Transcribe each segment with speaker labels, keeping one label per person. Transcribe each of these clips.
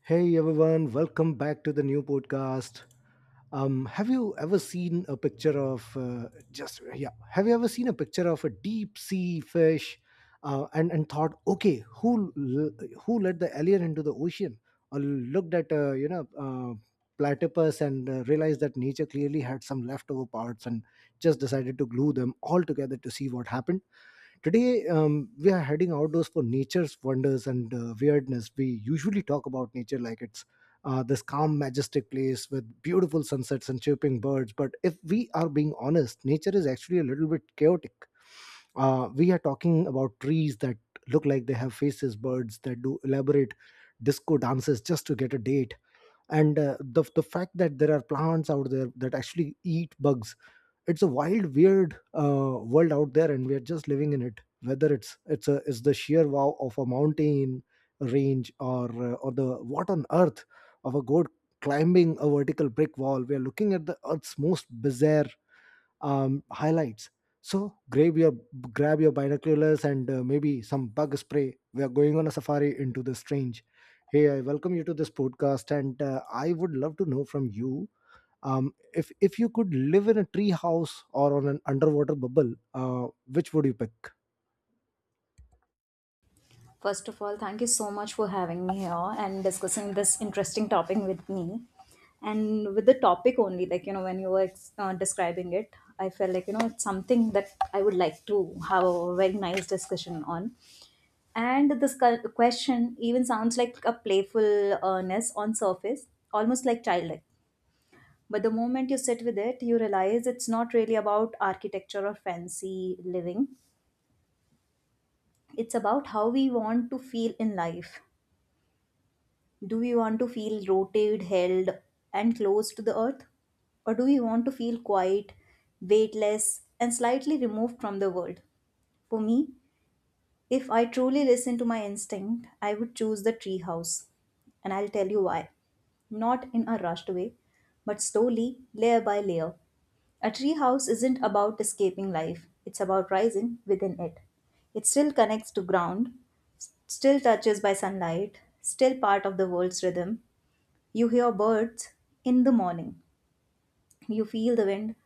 Speaker 1: Hey everyone, welcome back to the new podcast. Have you ever seen a picture of just yeah? Have you ever seen a picture of a deep sea fish, and thought, okay, who let the alien into the ocean, or looked at platypus and realized that nature clearly had some leftover parts and just decided to glue them all together to see what happened? Today, we are heading outdoors for nature's wonders and weirdness. We usually talk about nature like it's this calm, majestic place with beautiful sunsets and chirping birds. But if we are being honest, nature is actually a little bit chaotic. We are talking about trees that look like they have faces, birds that do elaborate disco dances just to get a date. And the fact that there are plants out there that actually eat bugs. It's a wild, weird world out there, and we are just living in it. Whether it's the sheer wow of a mountain range or the what on earth of a goat climbing a vertical brick wall, we are looking at the earth's most bizarre highlights. So grab your binoculars and maybe some bug spray. We are going on a safari into the strange. Hey, I welcome you to this podcast, and I would love to know from you, if you could live in a tree house or on an underwater bubble, which would you pick?
Speaker 2: First of all, thank you so much for having me here and discussing this interesting topic with me. And with the topic only, like, you know, when you were describing it, I felt like, you know, it's something that I would like to have a very nice discussion on. And this question even sounds like a playful earnest on surface, almost like childlike. But the moment you sit with it, you realize it's not really about architecture or fancy living. It's about how we want to feel in life. Do we want to feel rotated, held, and close to the earth? Or do we want to feel quiet, weightless, and slightly removed from the world? For me, if I truly listen to my instinct, I would choose the treehouse. And I'll tell you why. Not in a rushed way, but slowly, layer by layer. A treehouse isn't about escaping life, it's about rising within it. It still connects to ground, still touches by sunlight, still part of the world's rhythm, you hear birds in the morning. You feel the wind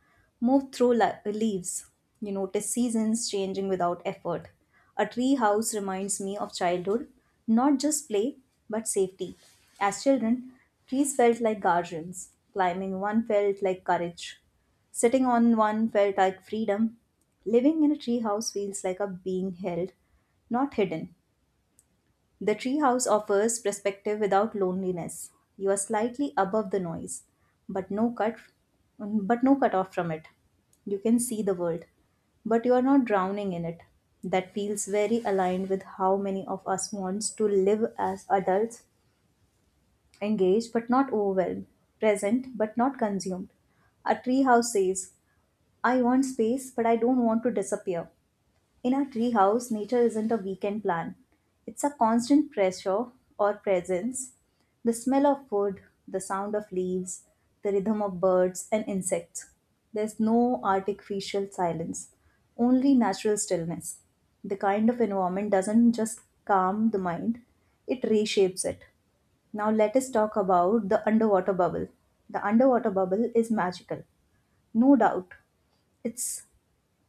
Speaker 2: move through leaves. You notice seasons changing without effort. A tree house reminds me of childhood, not just play, but safety. As children, trees felt like guardians. Climbing one felt like courage. Sitting on one felt like freedom. Living in a tree house feels like a being held, not hidden. The treehouse offers perspective without loneliness. You are slightly above the noise, but no cut but no cut off from it. You can see the world, but you are not drowning in it. That feels very aligned with how many of us wants to live as adults, engaged but not overwhelmed, present but not consumed. A treehouse says, I want space, but I don't want to disappear. In a treehouse, nature isn't a weekend plan. It's a constant pressure or presence. The smell of wood, the sound of leaves, the rhythm of birds and insects. There's no artificial silence, only natural stillness. The kind of environment doesn't just calm the mind, it reshapes it. Now, let us talk about the underwater bubble. The underwater bubble is magical, no doubt. It's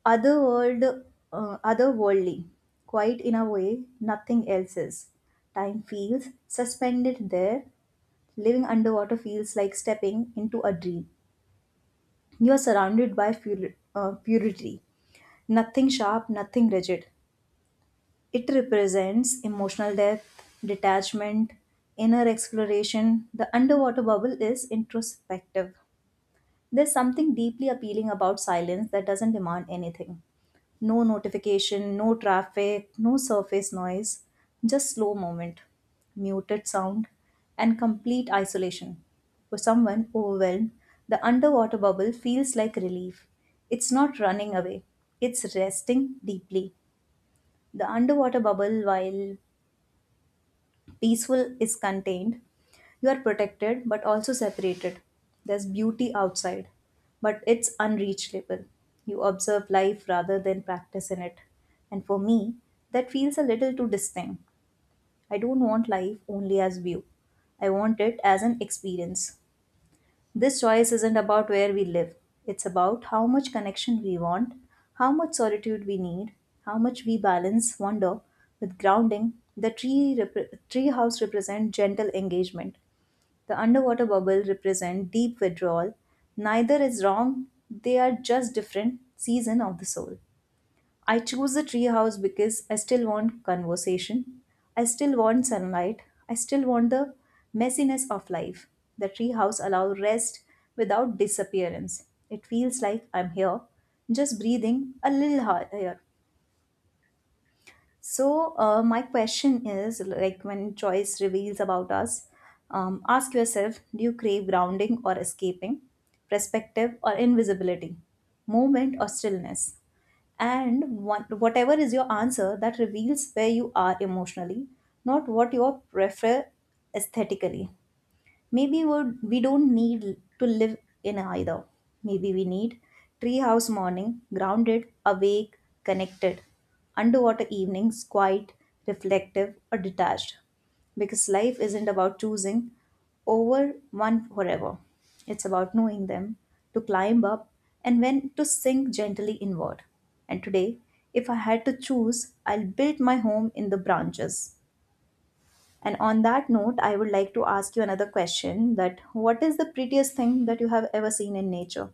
Speaker 2: otherworld otherworldly, quite in a way nothing else is. Time feels suspended there. Living underwater feels like stepping into a dream. You are surrounded by purity, nothing sharp, nothing rigid. It represents emotional depth, detachment, inner exploration. The underwater bubble is introspective. There's something deeply appealing about silence that doesn't demand anything. No notification, no traffic, no surface noise, just slow movement, muted sound, and complete isolation. For someone overwhelmed, the underwater bubble feels like relief. It's not running away, it's resting deeply. The underwater bubble, while peaceful, is contained. You are protected but also separated. There's beauty outside, but it's unreachable. You observe life rather than practice in it. And for me, that feels a little too distinct. I don't want life only as view. I want it as an experience. This choice isn't about where we live. It's about how much connection we want, how much solitude we need, how much we balance wonder with grounding. The tree house represents gentle engagement. The underwater bubble represents deep withdrawal. Neither is wrong, they are just different season of the soul. I choose the tree house because I still want conversation. I still want sunlight. I still want the messiness of life. The tree house allows rest without disappearance. It feels like I'm here, just breathing a little higher. So, my question is like when choice reveals about us, ask yourself, do you crave grounding or escaping, perspective or invisibility, movement or stillness? And one, whatever is your answer, that reveals where you are emotionally, not what you prefer aesthetically. Maybe we don't need to live in either. Maybe we need treehouse morning, grounded, awake, connected. Underwater evenings, quiet, reflective, or detached. Because life isn't about choosing over one forever. It's about knowing them, to climb up, and when to sink gently inward. And today, if I had to choose, I'll build my home in the branches. And on that note, I would like to ask you another question: that what is the prettiest thing that you have ever seen in nature?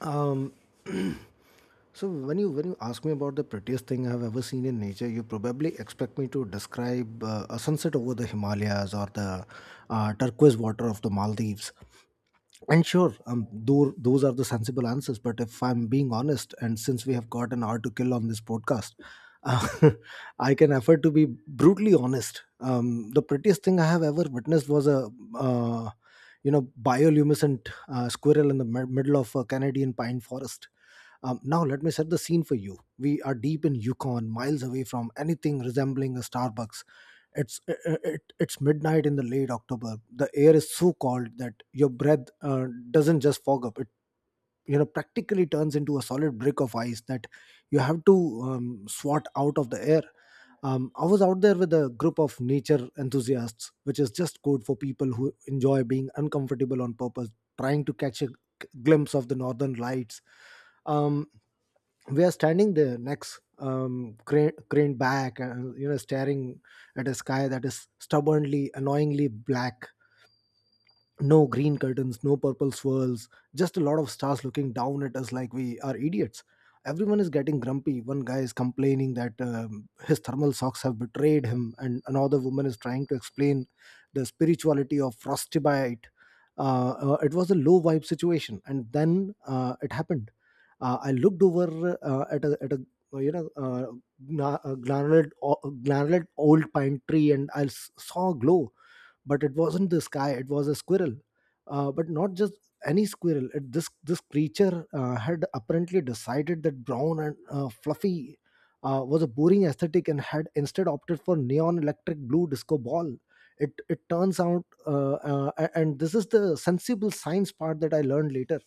Speaker 1: Um, so when you ask me about the prettiest thing I have ever seen in nature, you probably expect me to describe a sunset over the Himalayas or the turquoise water of the Maldives. And sure, though those are the sensible answers, but if I'm being honest, and since we have got an hour to kill on this podcast, uh, I can afford to be brutally honest. The prettiest thing I have ever witnessed was a uh, you know bioluminescent squirrel in the middle of a Canadian pine forest. Now let me set the scene for you. We are deep in Yukon, miles away from anything resembling a Starbucks. It's midnight in the late October. The air is so cold that your breath doesn't just fog up, it practically turns into a solid brick of ice that you have to swat out of the air. I was out there with a group of nature enthusiasts, which is just code for people who enjoy being uncomfortable on purpose, trying to catch a glimpse of the northern lights. um, we are standing there, necks craned back, and staring at a sky that is stubbornly, annoyingly black. No green curtains, no purple swirls, just a lot of stars looking down at us like we are idiots. Everyone is getting grumpy. One guy is complaining that his thermal socks have betrayed him, and another woman is trying to explain the spirituality of frostbite. It was a low vibe situation, and then it happened. I looked over at a uh, you know uh, gnarled, gnarled old pine tree, and saw a glow, but it wasn't this guy, it was a squirrel. But not just any squirrel. It, this this creature had apparently decided that brown and fluffy was a boring aesthetic and had instead opted for neon electric blue disco ball. It turns out, and this is the sensible science part that I learned later,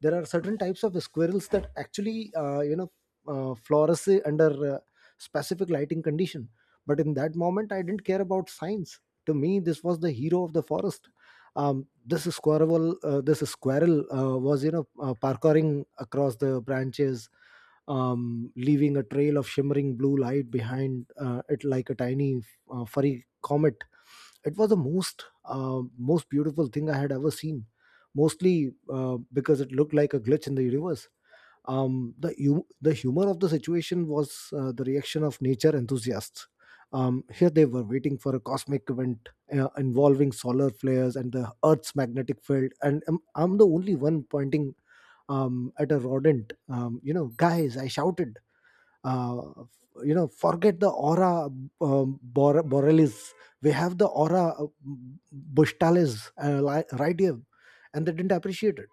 Speaker 1: there are certain types of squirrels that actually uh, you know flourish under specific lighting condition. But in that moment I didn't care about science. To me this was the hero of the forest. This squirrel was, parkouring across the branches, leaving a trail of shimmering blue light behind it, like a tiny furry comet. It was the most beautiful thing I had ever seen, mostly because it looked like a glitch in the universe. The humor of the situation was the reaction of nature enthusiasts. Here they were, waiting for a cosmic event involving solar flares and the Earth's magnetic field, and I'm the only one pointing at a rodent. You know, guys, I shouted, uh, forget the aura borealis. We have the aura bushtalis right here. And they didn't appreciate it.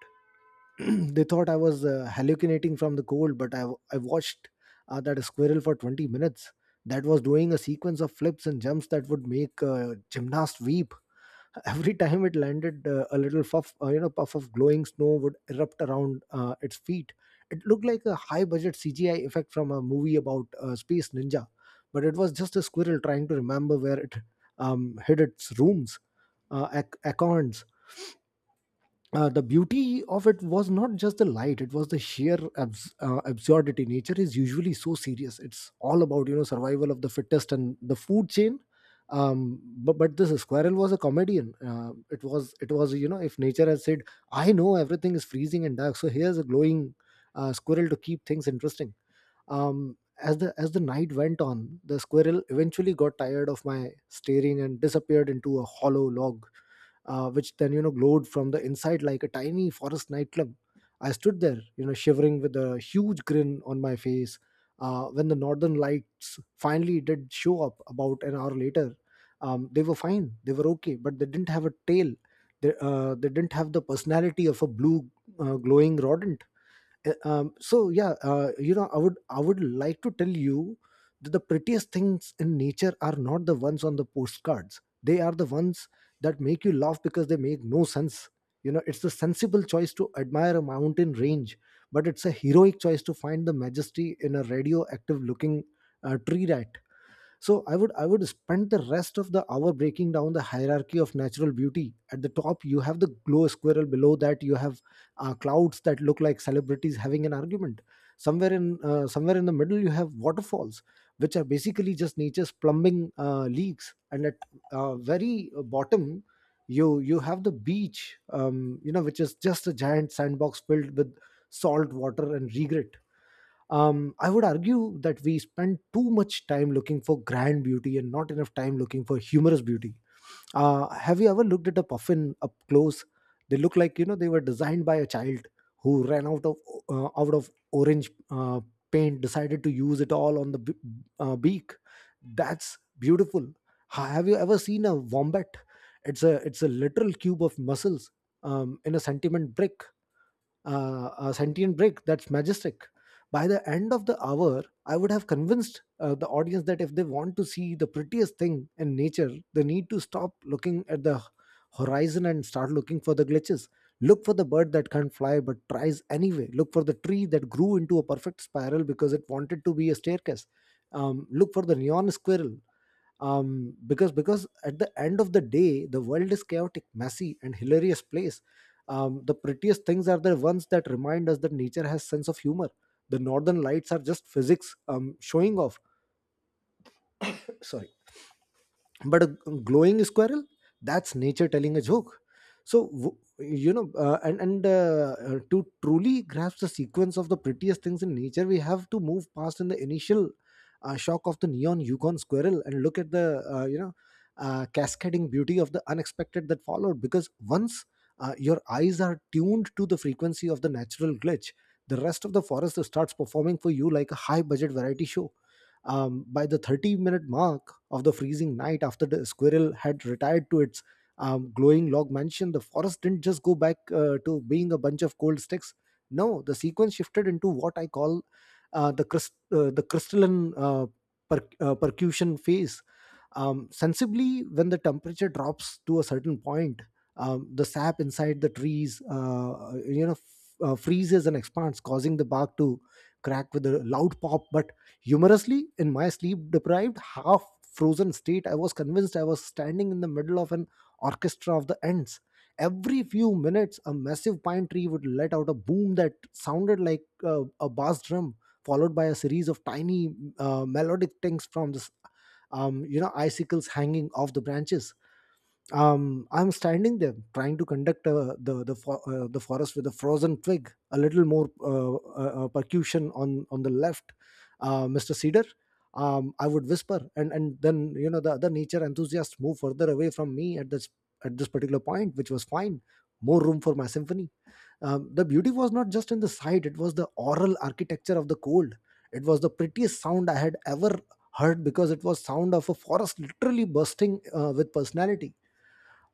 Speaker 1: They thought I was hallucinating from the cold, but I watched that squirrel for 20 minutes that was doing a sequence of flips and jumps that would make a gymnast weep. Every time it landed, a little puff, puff of glowing snow would erupt around its feet. It looked like a high-budget CGI effect from a movie about a space ninja, but it was just a squirrel trying to remember where it hid its rooms, acorns. The beauty of it was not just the light, it was the sheer absurdity. Nature is usually so serious, it's all about, survival of the fittest and the food chain. But this squirrel was a comedian. It was, if nature had said, I know everything is freezing and dark, so here's a glowing squirrel to keep things interesting. As the night went on, the squirrel eventually got tired of my staring and disappeared into a hollow log, which then, glowed from the inside like a tiny forest nightclub. I stood there, shivering with a huge grin on my face. When the northern lights finally did show up about an hour later, they were fine, they were okay, but they didn't have a tail. They didn't have the personality of a blue glowing rodent. So yeah, I would like to tell you that the prettiest things in nature are not the ones on the postcards, they are the ones that make you laugh because they make no sense. You know, it's a sensible choice to admire a mountain range, but it's a heroic choice to find the majesty in a radioactive looking uh, tree ra- so I would spend the rest of the hour breaking down the hierarchy of natural beauty. At the top you have the glow squirrel. Below that you have clouds that look like celebrities having an argument. Somewhere in the middle you have waterfalls, which are basically just nature's plumbing leaks, and at very bottom you have the beach, which is just a giant sandbox filled with salt water and regret. I would argue that we spend too much time looking for grand beauty and not enough time looking for humorous beauty. Have you ever looked at a puffin up close? They look like, they were designed by a child who ran out of orange paint, decided to use it all on the beak. That's beautiful. Have you ever seen a wombat? It's a literal cube of muscles, in a sentiment brick, a sentient brick. That's majestic. By the end of the hour, I would have convinced the audience that if they want to see the prettiest thing in nature, they need to stop looking at the horizon and start looking for the glitches. Look for the bird that can't fly but tries anyway. Look for the tree that grew into a perfect spiral because it wanted to be a staircase. Look for the neon squirrel because at the end of the day, the world is chaotic, messy, and hilarious place. The prettiest things are the ones that remind us that nature has sense of humor. The northern lights are just physics showing off. Sorry, but a glowing squirrel, that's nature telling a joke. So w- you know and to truly grasp the sequence of the prettiest things in nature, we have to move past in the initial shock of the neon Yukon squirrel and look at the cascading beauty of the unexpected that followed. Because once your eyes are tuned to the frequency of the natural glitch, the rest of the forest starts performing for you like a high budget variety show. By the 30-minute mark of the freezing night, after the squirrel had retired to its glowing log mansion, the forest didn't just go back to being a bunch of cold sticks. No, the sequence shifted into what I call the crystalline percussion phase. Sensibly, when the temperature drops to a certain point, the sap inside the trees, freezes and expands, causing the bark to crack with a loud pop. But humorously, in my sleep-deprived, half-frozen state, I was convinced I was standing in the middle of an orchestra of the ants. Every few minutes, a massive pine tree would let out a boom that sounded like a bass drum, followed by a series of tiny melodic tings from this icicles hanging off the branches. I'm standing there trying to conduct the forest with a frozen twig. A little more percussion on the left, Mr. Cedar, I would whisper. And then the other nature enthusiasts move further away from me at this particular point, which was fine. More room for my symphony. The beauty was not just in the sight, it was the oral architecture of the cold. It was the prettiest sound I had ever heard, because it was sound of a forest literally bursting with personality.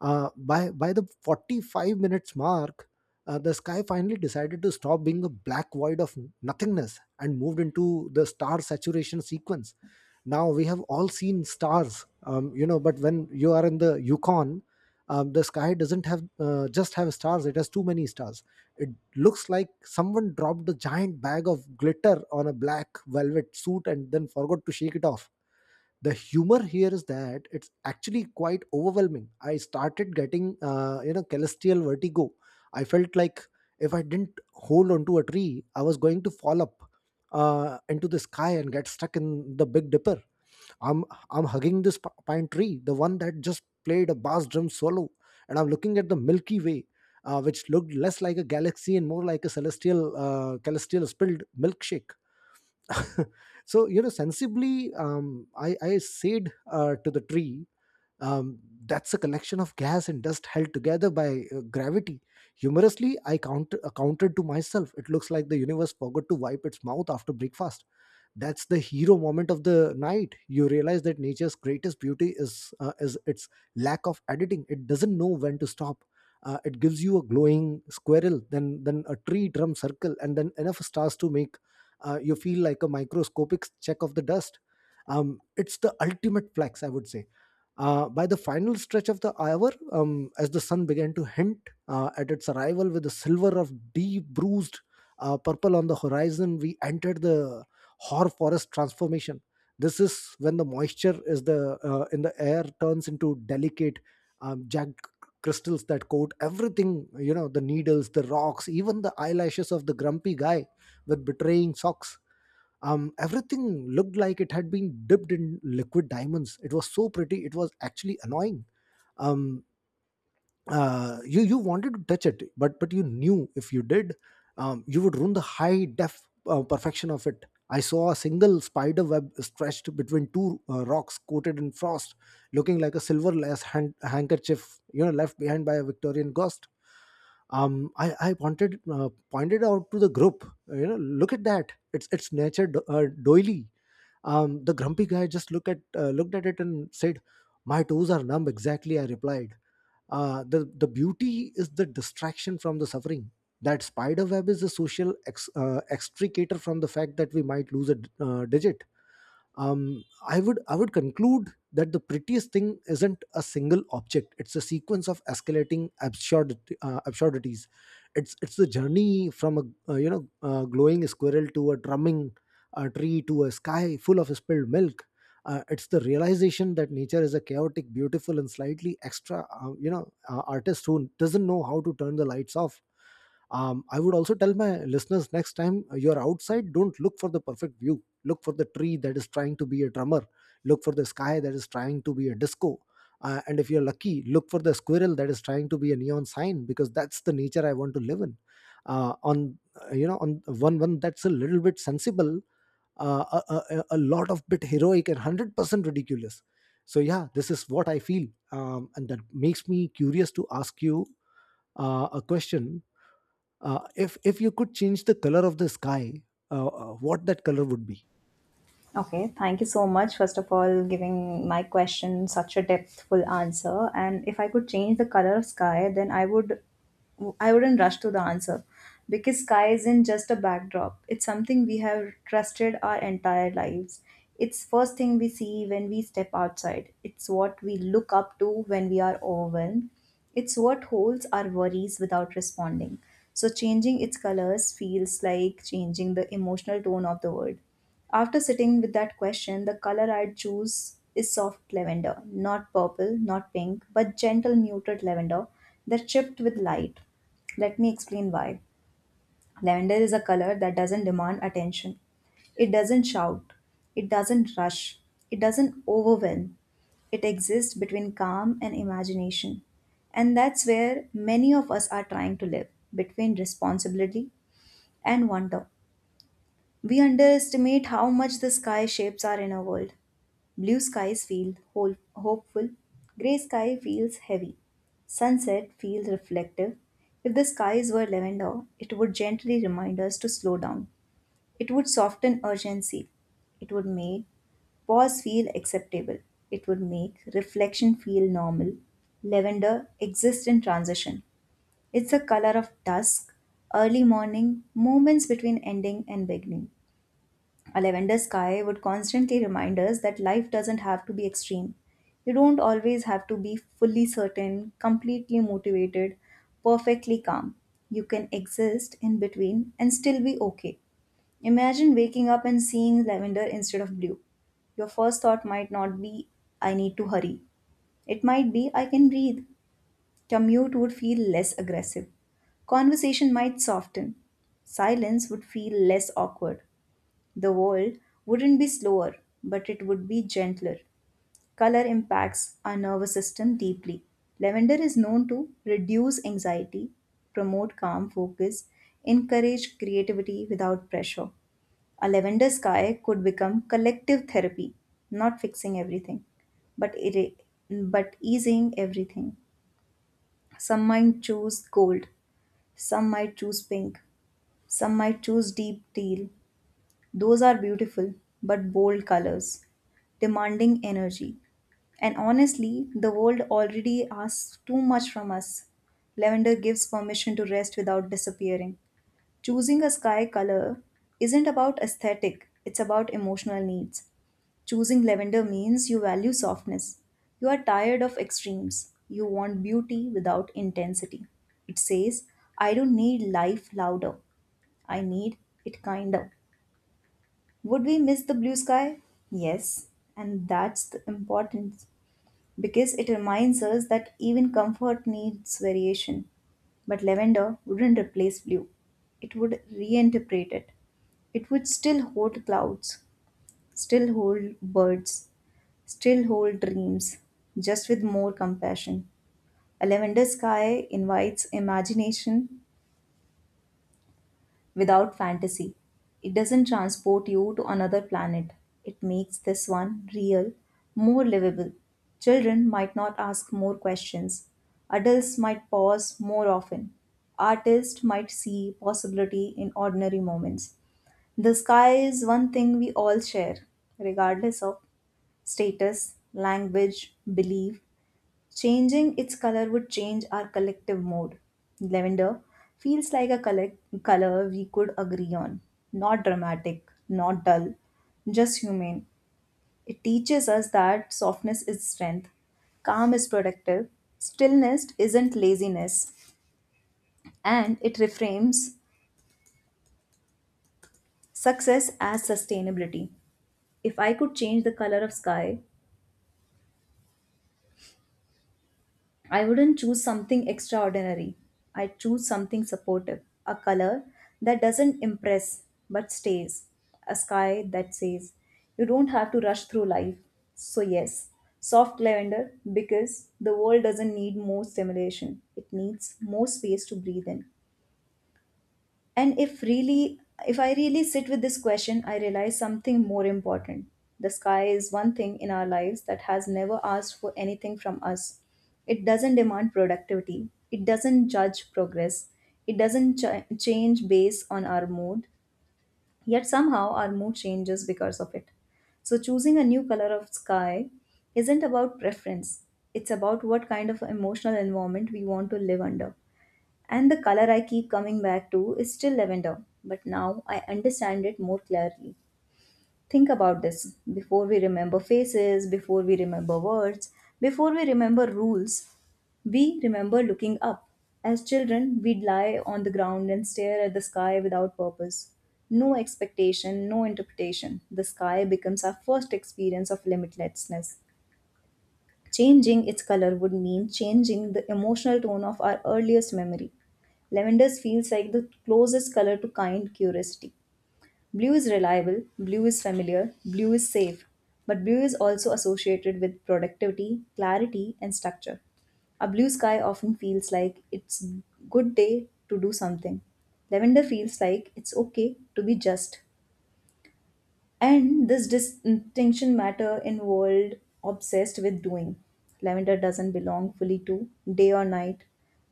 Speaker 1: By the 45 minutes mark, the sky finally decided to stop being a black void of nothingness and moved into the star saturation sequence. Now we have all seen stars, but when you are in the Yukon, the sky doesn't have just have stars, it has too many stars. It looks like someone dropped a giant bag of glitter on a black velvet suit and then forgot to shake it off. The humor here is that it's actually quite overwhelming. I started getting celestial vertigo. I felt like if I didn't hold onto a tree, I was going to fall up into the sky and get stuck in the Big Dipper. I'm I'm hugging this pine tree, the one that just played a bass drum solo, and I'm looking at the Milky Way, which looked less like a galaxy and more like a celestial spilled milkshake. So you know, sensibly, I said to the tree, um, that's a collection of gas and dust held together by gravity. Humorously, I counted to myself, it looks like the universe forgot to wipe its mouth after breakfast. That's the hero moment of the night. You realize that nature's greatest beauty is its lack of editing. It doesn't know when to stop. It gives you a glowing squirrel, then a tree drum circle, and then enough stars to make you feel like a microscopic check of the dust. It's the ultimate flex, I would say. By the final stretch of the hour, as the sun began to hint at its arrival with the silver of deep bruised purple on the horizon, we entered the or forest transformation. This is when the moisture is the in the air turns into delicate, jagged crystals that coat everything. You know, the needles, the rocks, even the eyelashes of the grumpy guy with betraying socks. Everything looked like it had been dipped in liquid diamonds. It was so pretty, it was actually annoying. Um, you wanted to touch it, but you knew if you did, you would ruin the high def perfection of it. I saw a single spider web stretched between two rocks coated in frost, looking like a silver lace handkerchief, you know, left behind by a Victorian ghost. I pointed out to the group, you know, look at that. It's nature doily. The grumpy guy just looked at it and said, "My toes are numb." Exactly, I replied, the beauty is the distraction from the suffering. That spider web is a social extricator from the fact that we might lose a digit. I would conclude that the prettiest thing isn't a single object; it's a sequence of escalating absurdities. It's the journey from a glowing squirrel to a drumming tree to a sky full of spilled milk. It's the realization that nature is a chaotic, beautiful, and slightly extra artist who doesn't know how to turn the lights off. I would also tell my listeners, next time you're outside, don't look for the perfect view. Look for the tree that is trying to be a drummer. Look for the sky that is trying to be a disco. And if you're lucky, look for the squirrel that is trying to be a neon sign, because that's the nature I want to live in. Uh, on uh, you know on one one that's a little bit sensible, a lot of bit heroic, and 100% ridiculous. So yeah, this is what I feel, and that makes me curious to ask you a question. If you could change the color of the sky, what that color would be?
Speaker 2: Okay, thank you so much, first of all, giving my question such a depthful answer. And if I could change the color of sky, then I wouldn't rush to the answer, because sky isn't just a backdrop. It's something we have trusted our entire lives. It's first thing we see when we step outside. It's what we look up to when we are overwhelmed. It's what holds our worries without responding. So changing its colors feels like changing the emotional tone of the world. After sitting with that question, the color I'd choose is soft lavender, not purple, not pink, but gentle muted lavender that chipped with light. Let me explain why. Lavender is a color that doesn't demand attention. It doesn't shout. It doesn't rush. It doesn't overwhelm. It exists between calm and imagination. And that's where many of us are trying to live, between responsibility and wonder. We underestimate how much the sky shapes our inner world. Blue skies feel whole, hopeful, grey sky feels heavy, sunset feels reflective. If the skies were lavender, it would gently remind us to slow down. It would soften urgency. It would make pause feel acceptable. It would make reflection feel normal. Lavender exists in transition. It's a color of dusk, early morning, moments between ending and beginning. A lavender sky would constantly remind us that life doesn't have to be extreme. You don't always have to be fully certain, completely motivated, perfectly calm. You can exist in between and still be okay. Imagine waking up and seeing lavender instead of blue. Your first thought might not be, I need to hurry. It might be, I can breathe. Commute would feel less aggressive. Conversation might soften. Silence would feel less awkward. The world wouldn't be slower, but it would be gentler. Color impacts our nervous system deeply. Lavender is known to reduce anxiety, promote calm focus, encourage creativity without pressure. A lavender sky could become collective therapy, not fixing everything, but easing everything. Some might choose gold, some might choose pink, some might choose deep teal. Those are beautiful but bold colors, demanding energy. And honestly, the world already asks too much from us. Lavender gives permission to rest without disappearing. Choosing a sky color isn't about aesthetic, it's about emotional needs. Choosing lavender means you value softness. You are tired of extremes. You want beauty without intensity. It says, I don't need life louder, I need it kinder. Would we miss the blue sky? Yes, and that's the importance, because it reminds us that even comfort needs variation. But lavender wouldn't replace blue, it would reinterpret it. It would still hold clouds, still hold birds, still hold dreams, just with more compassion. A lavender sky invites imagination without fantasy. It doesn't transport you to another planet. It makes this one real, more livable. Children might not ask more questions. Adults might pause more often. Artists might see possibility in ordinary moments. The sky is one thing we all share, regardless of status, language, belief. Changing its color would change our collective mood. Lavender feels like a color we could agree on. Not dramatic, not dull, just humane. It teaches us that softness is strength, calm is productive, stillness isn't laziness, and it reframes success as sustainability. If I could change the color of sky, I wouldn't choose something extraordinary. I choose something supportive, a color that doesn't impress but stays, a sky that says, you don't have to rush through life. So, yes, soft lavender, because the world doesn't need more stimulation, it needs more space to breathe in. And if really, if I really sit with this question, I realize something more important. The sky is one thing in our lives that has never asked for anything from us. It doesn't demand productivity, it doesn't judge progress, it doesn't change based on our mood, yet somehow our mood changes because of it. So, choosing a new color of sky isn't about preference, it's about what kind of emotional environment we want to live under. And the color I keep coming back to is still lavender, but now I understand it more clearly. Think about this: before we remember faces, before we remember words, before we remember rules, we remember looking up. As children, we'd lie on the ground and stare at the sky without purpose. No expectation, no interpretation. The sky becomes our first experience of limitlessness. Changing its color would mean changing the emotional tone of our earliest memory. Lavender feels like the closest color to kind curiosity. Blue is reliable, blue is familiar, blue is safe, but blue is also associated with productivity, clarity, and structure. A blue sky often feels like it's good day to do something. Lavender feels like it's okay to be just. And this distinction matter in world obsessed with doing. Lavender doesn't belong fully to day or night,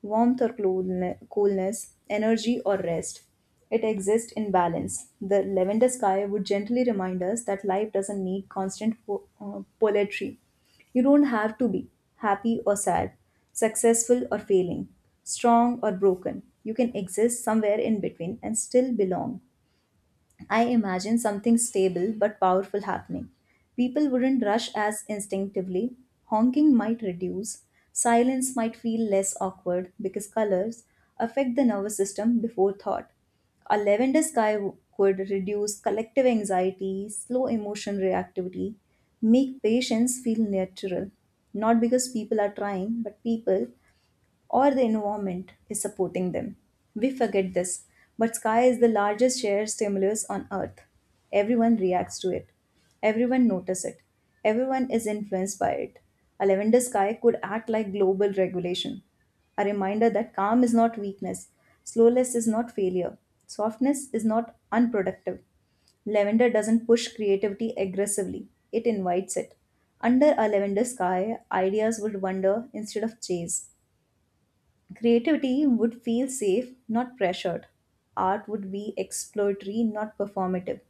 Speaker 2: warmth or coolness, energy or rest. It exists in balance. The lavender sky would gently remind us that life doesn't need constant poetry. You don't have to be happy or sad, successful or failing, strong or broken. You can exist somewhere in between and still belong. I imagine something stable but powerful happening. People wouldn't rush as instinctively. Honking might reduce. Silence might feel less awkward because colors affect the nervous system before thought. A could reduce collective anxiety, slow emotion reactivity, make patients feel natural. Not because people are trying, but people or the environment is supporting them. We forget this, but sky is the largest shared stimulus on earth. Everyone reacts to it. Everyone notices it. Everyone is influenced by it. A lavender sky could act like global regulation. A reminder that calm is not weakness, slowness is not failure, softness is not unproductive. Lavender doesn't push creativity aggressively, it invites it. Under a lavender sky, ideas would wander instead of chase. Creativity would feel safe, not pressured. Art would be exploratory, not performative.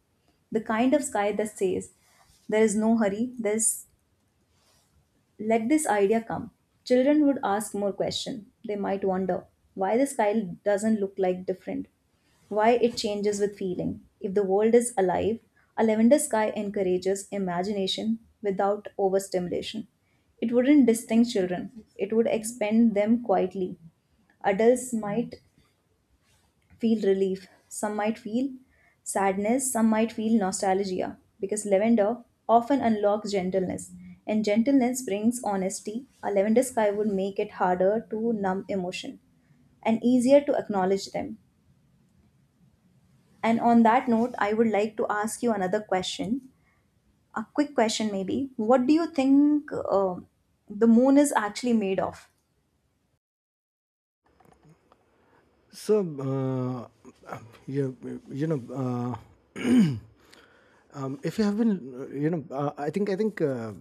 Speaker 2: The kind of sky that says, there is no hurry, there's let this idea come. Children would ask more questions. They might wonder why the sky doesn't look like different, why it changes with feeling. If the world is alive, a lavender sky encourages imagination without overstimulation. It wouldn't distinguish children, it would expand them quietly. Adults might feel relief. Some might feel sadness, some might feel nostalgia because lavender often unlocks gentleness and gentleness brings honesty. A lavender sky would make it harder to numb emotion and easier to acknowledge them. And on that note, I would like to ask you another question, a quick question maybe. What do you think the moon is actually made of?
Speaker 1: So uh, you you know uh, if you have been you know I think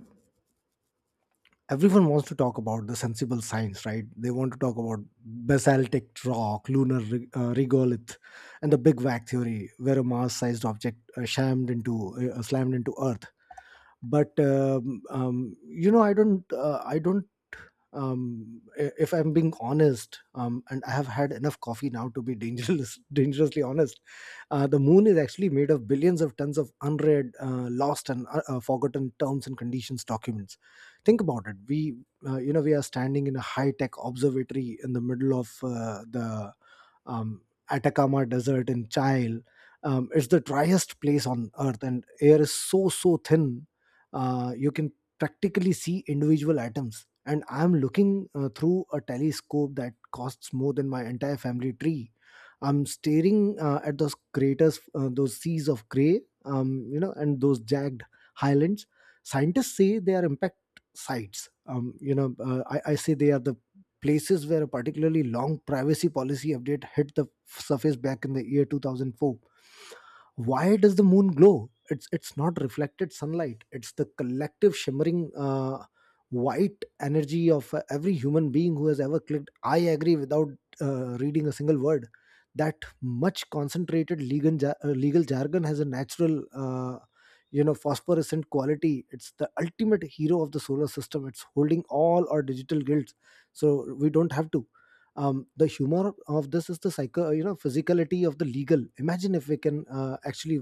Speaker 1: everyone wants to talk about the sensible science, right? They want to talk about basaltic rock, regolith, and the Big Bang theory, where a mass-sized object shammed into slammed into Earth. But you know I don't I don't I- if I'm being honest, and I have had enough coffee now to be dangerous, dangerously honest, the moon is actually made of billions of tons of unread, lost, and forgotten terms and conditions documents. Think about it. We we are standing in a high tech observatory in the middle of the um, Atacama Desert in Chile. It's the driest place on Earth, and air is so thin, you can practically see individual atoms. And I'm looking through a telescope that costs more than my entire family tree. I'm staring at those craters, those seas of gray, and those jagged highlands. Scientists say they are impact sites. I say they are the places where a particularly long privacy policy update hit the surface back in the year 2004. Why does the moon glow? It's not reflected sunlight. It's the collective shimmering white energy of every human being who has ever clicked I agree without reading a single word. That much concentrated legal jargon has a natural, phosphorescent quality. It's the ultimate hero of the solar system. It's holding all our digital guilds so we don't have to. The humor of this is the psycho you know physicality of the legal. Imagine if we can actually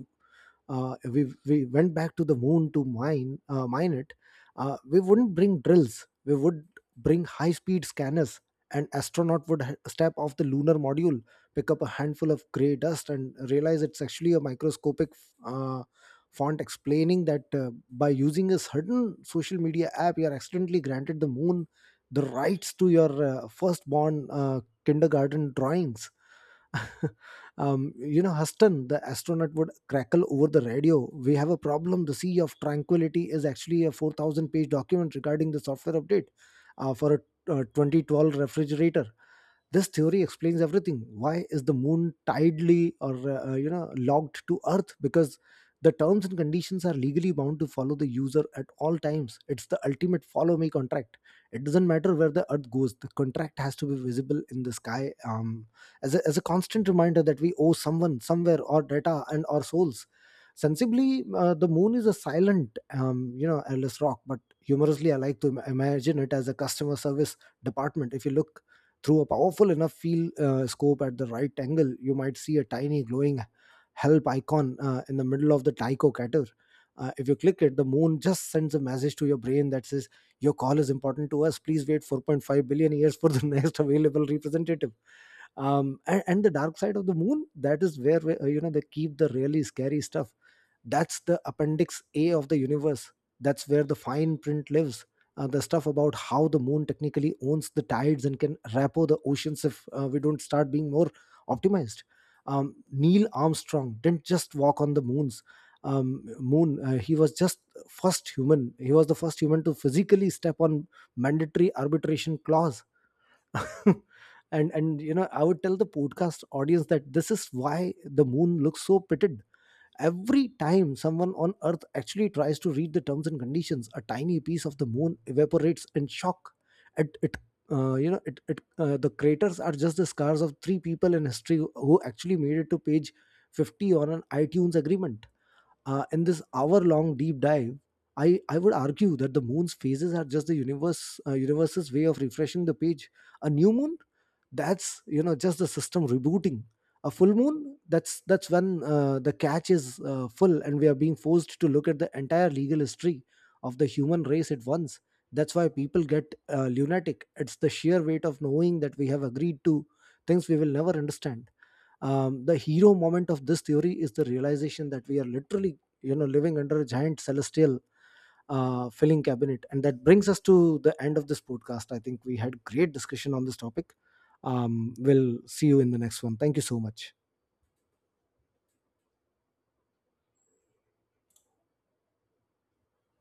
Speaker 1: we went back to the moon to mine it, we wouldn't bring drills. We would bring high speed scanners, and astronaut would step off the lunar module, pick up a handful of gray dust, and realize it's actually a microscopic uh, font explaining that by using a certain social media app, you are accidentally granted the moon the rights to your firstborn kindergarten drawings. Huston, the astronaut, would crackle over the radio. We have a problem. The Sea of Tranquility is actually a 4,000 page document regarding the software update for a 2012 refrigerator. This theory explains everything. Why is the moon tidally or you know logged to Earth? Because the terms and conditions are legally bound to follow the user at all times. It's the ultimate follow me contract. It doesn't matter where the Earth goes, the contract has to be visible in the sky, as a constant reminder that we owe someone somewhere our data and our souls. Sensibly, the moon is a silent, airless rock, but humorously I like to imagine it as a customer service department. If you look through a powerful enough field scope at the right angle, you might see a tiny glowing help icon in the middle of the Tycho crater. If you click it, the moon just sends a message to your brain that says, Your call is important to us. Please wait 4.5 billion years for the next available representative. And the dark side of the moon, that is where, they keep the really scary stuff. That's the Appendix A of the universe. That's where the fine print lives. The stuff about how the moon technically owns the tides and can repo the oceans if we don't start being more optimized. Neil Armstrong didn't just walk on the moon's moon. He was just First human. He was the first human to physically step on mandatory arbitration clause. and and I would tell the podcast audience that this is why the moon looks so pitted. Every time someone on Earth actually tries to read the terms and conditions, a tiny piece of the moon evaporates in shock. It you know, it The craters are just the scars of three people in history who actually made it to page 50 on an iTunes agreement. In this hour long deep dive, I would argue that the moon's phases are just the universe's way of refreshing the page. A new moon, that's just the system rebooting. A full moon, that's when the catch is full and we are being forced to look at the entire legal history of the human race at once. That's why people get lunatic. It's the sheer weight of knowing that we have agreed to things we will never understand. The hero moment of this theory is the realization that we are literally living under a giant celestial filling cabinet. And that brings us to the end of this podcast. I think we had great discussion on this topic. We'll see you in the next one. Thank you so much.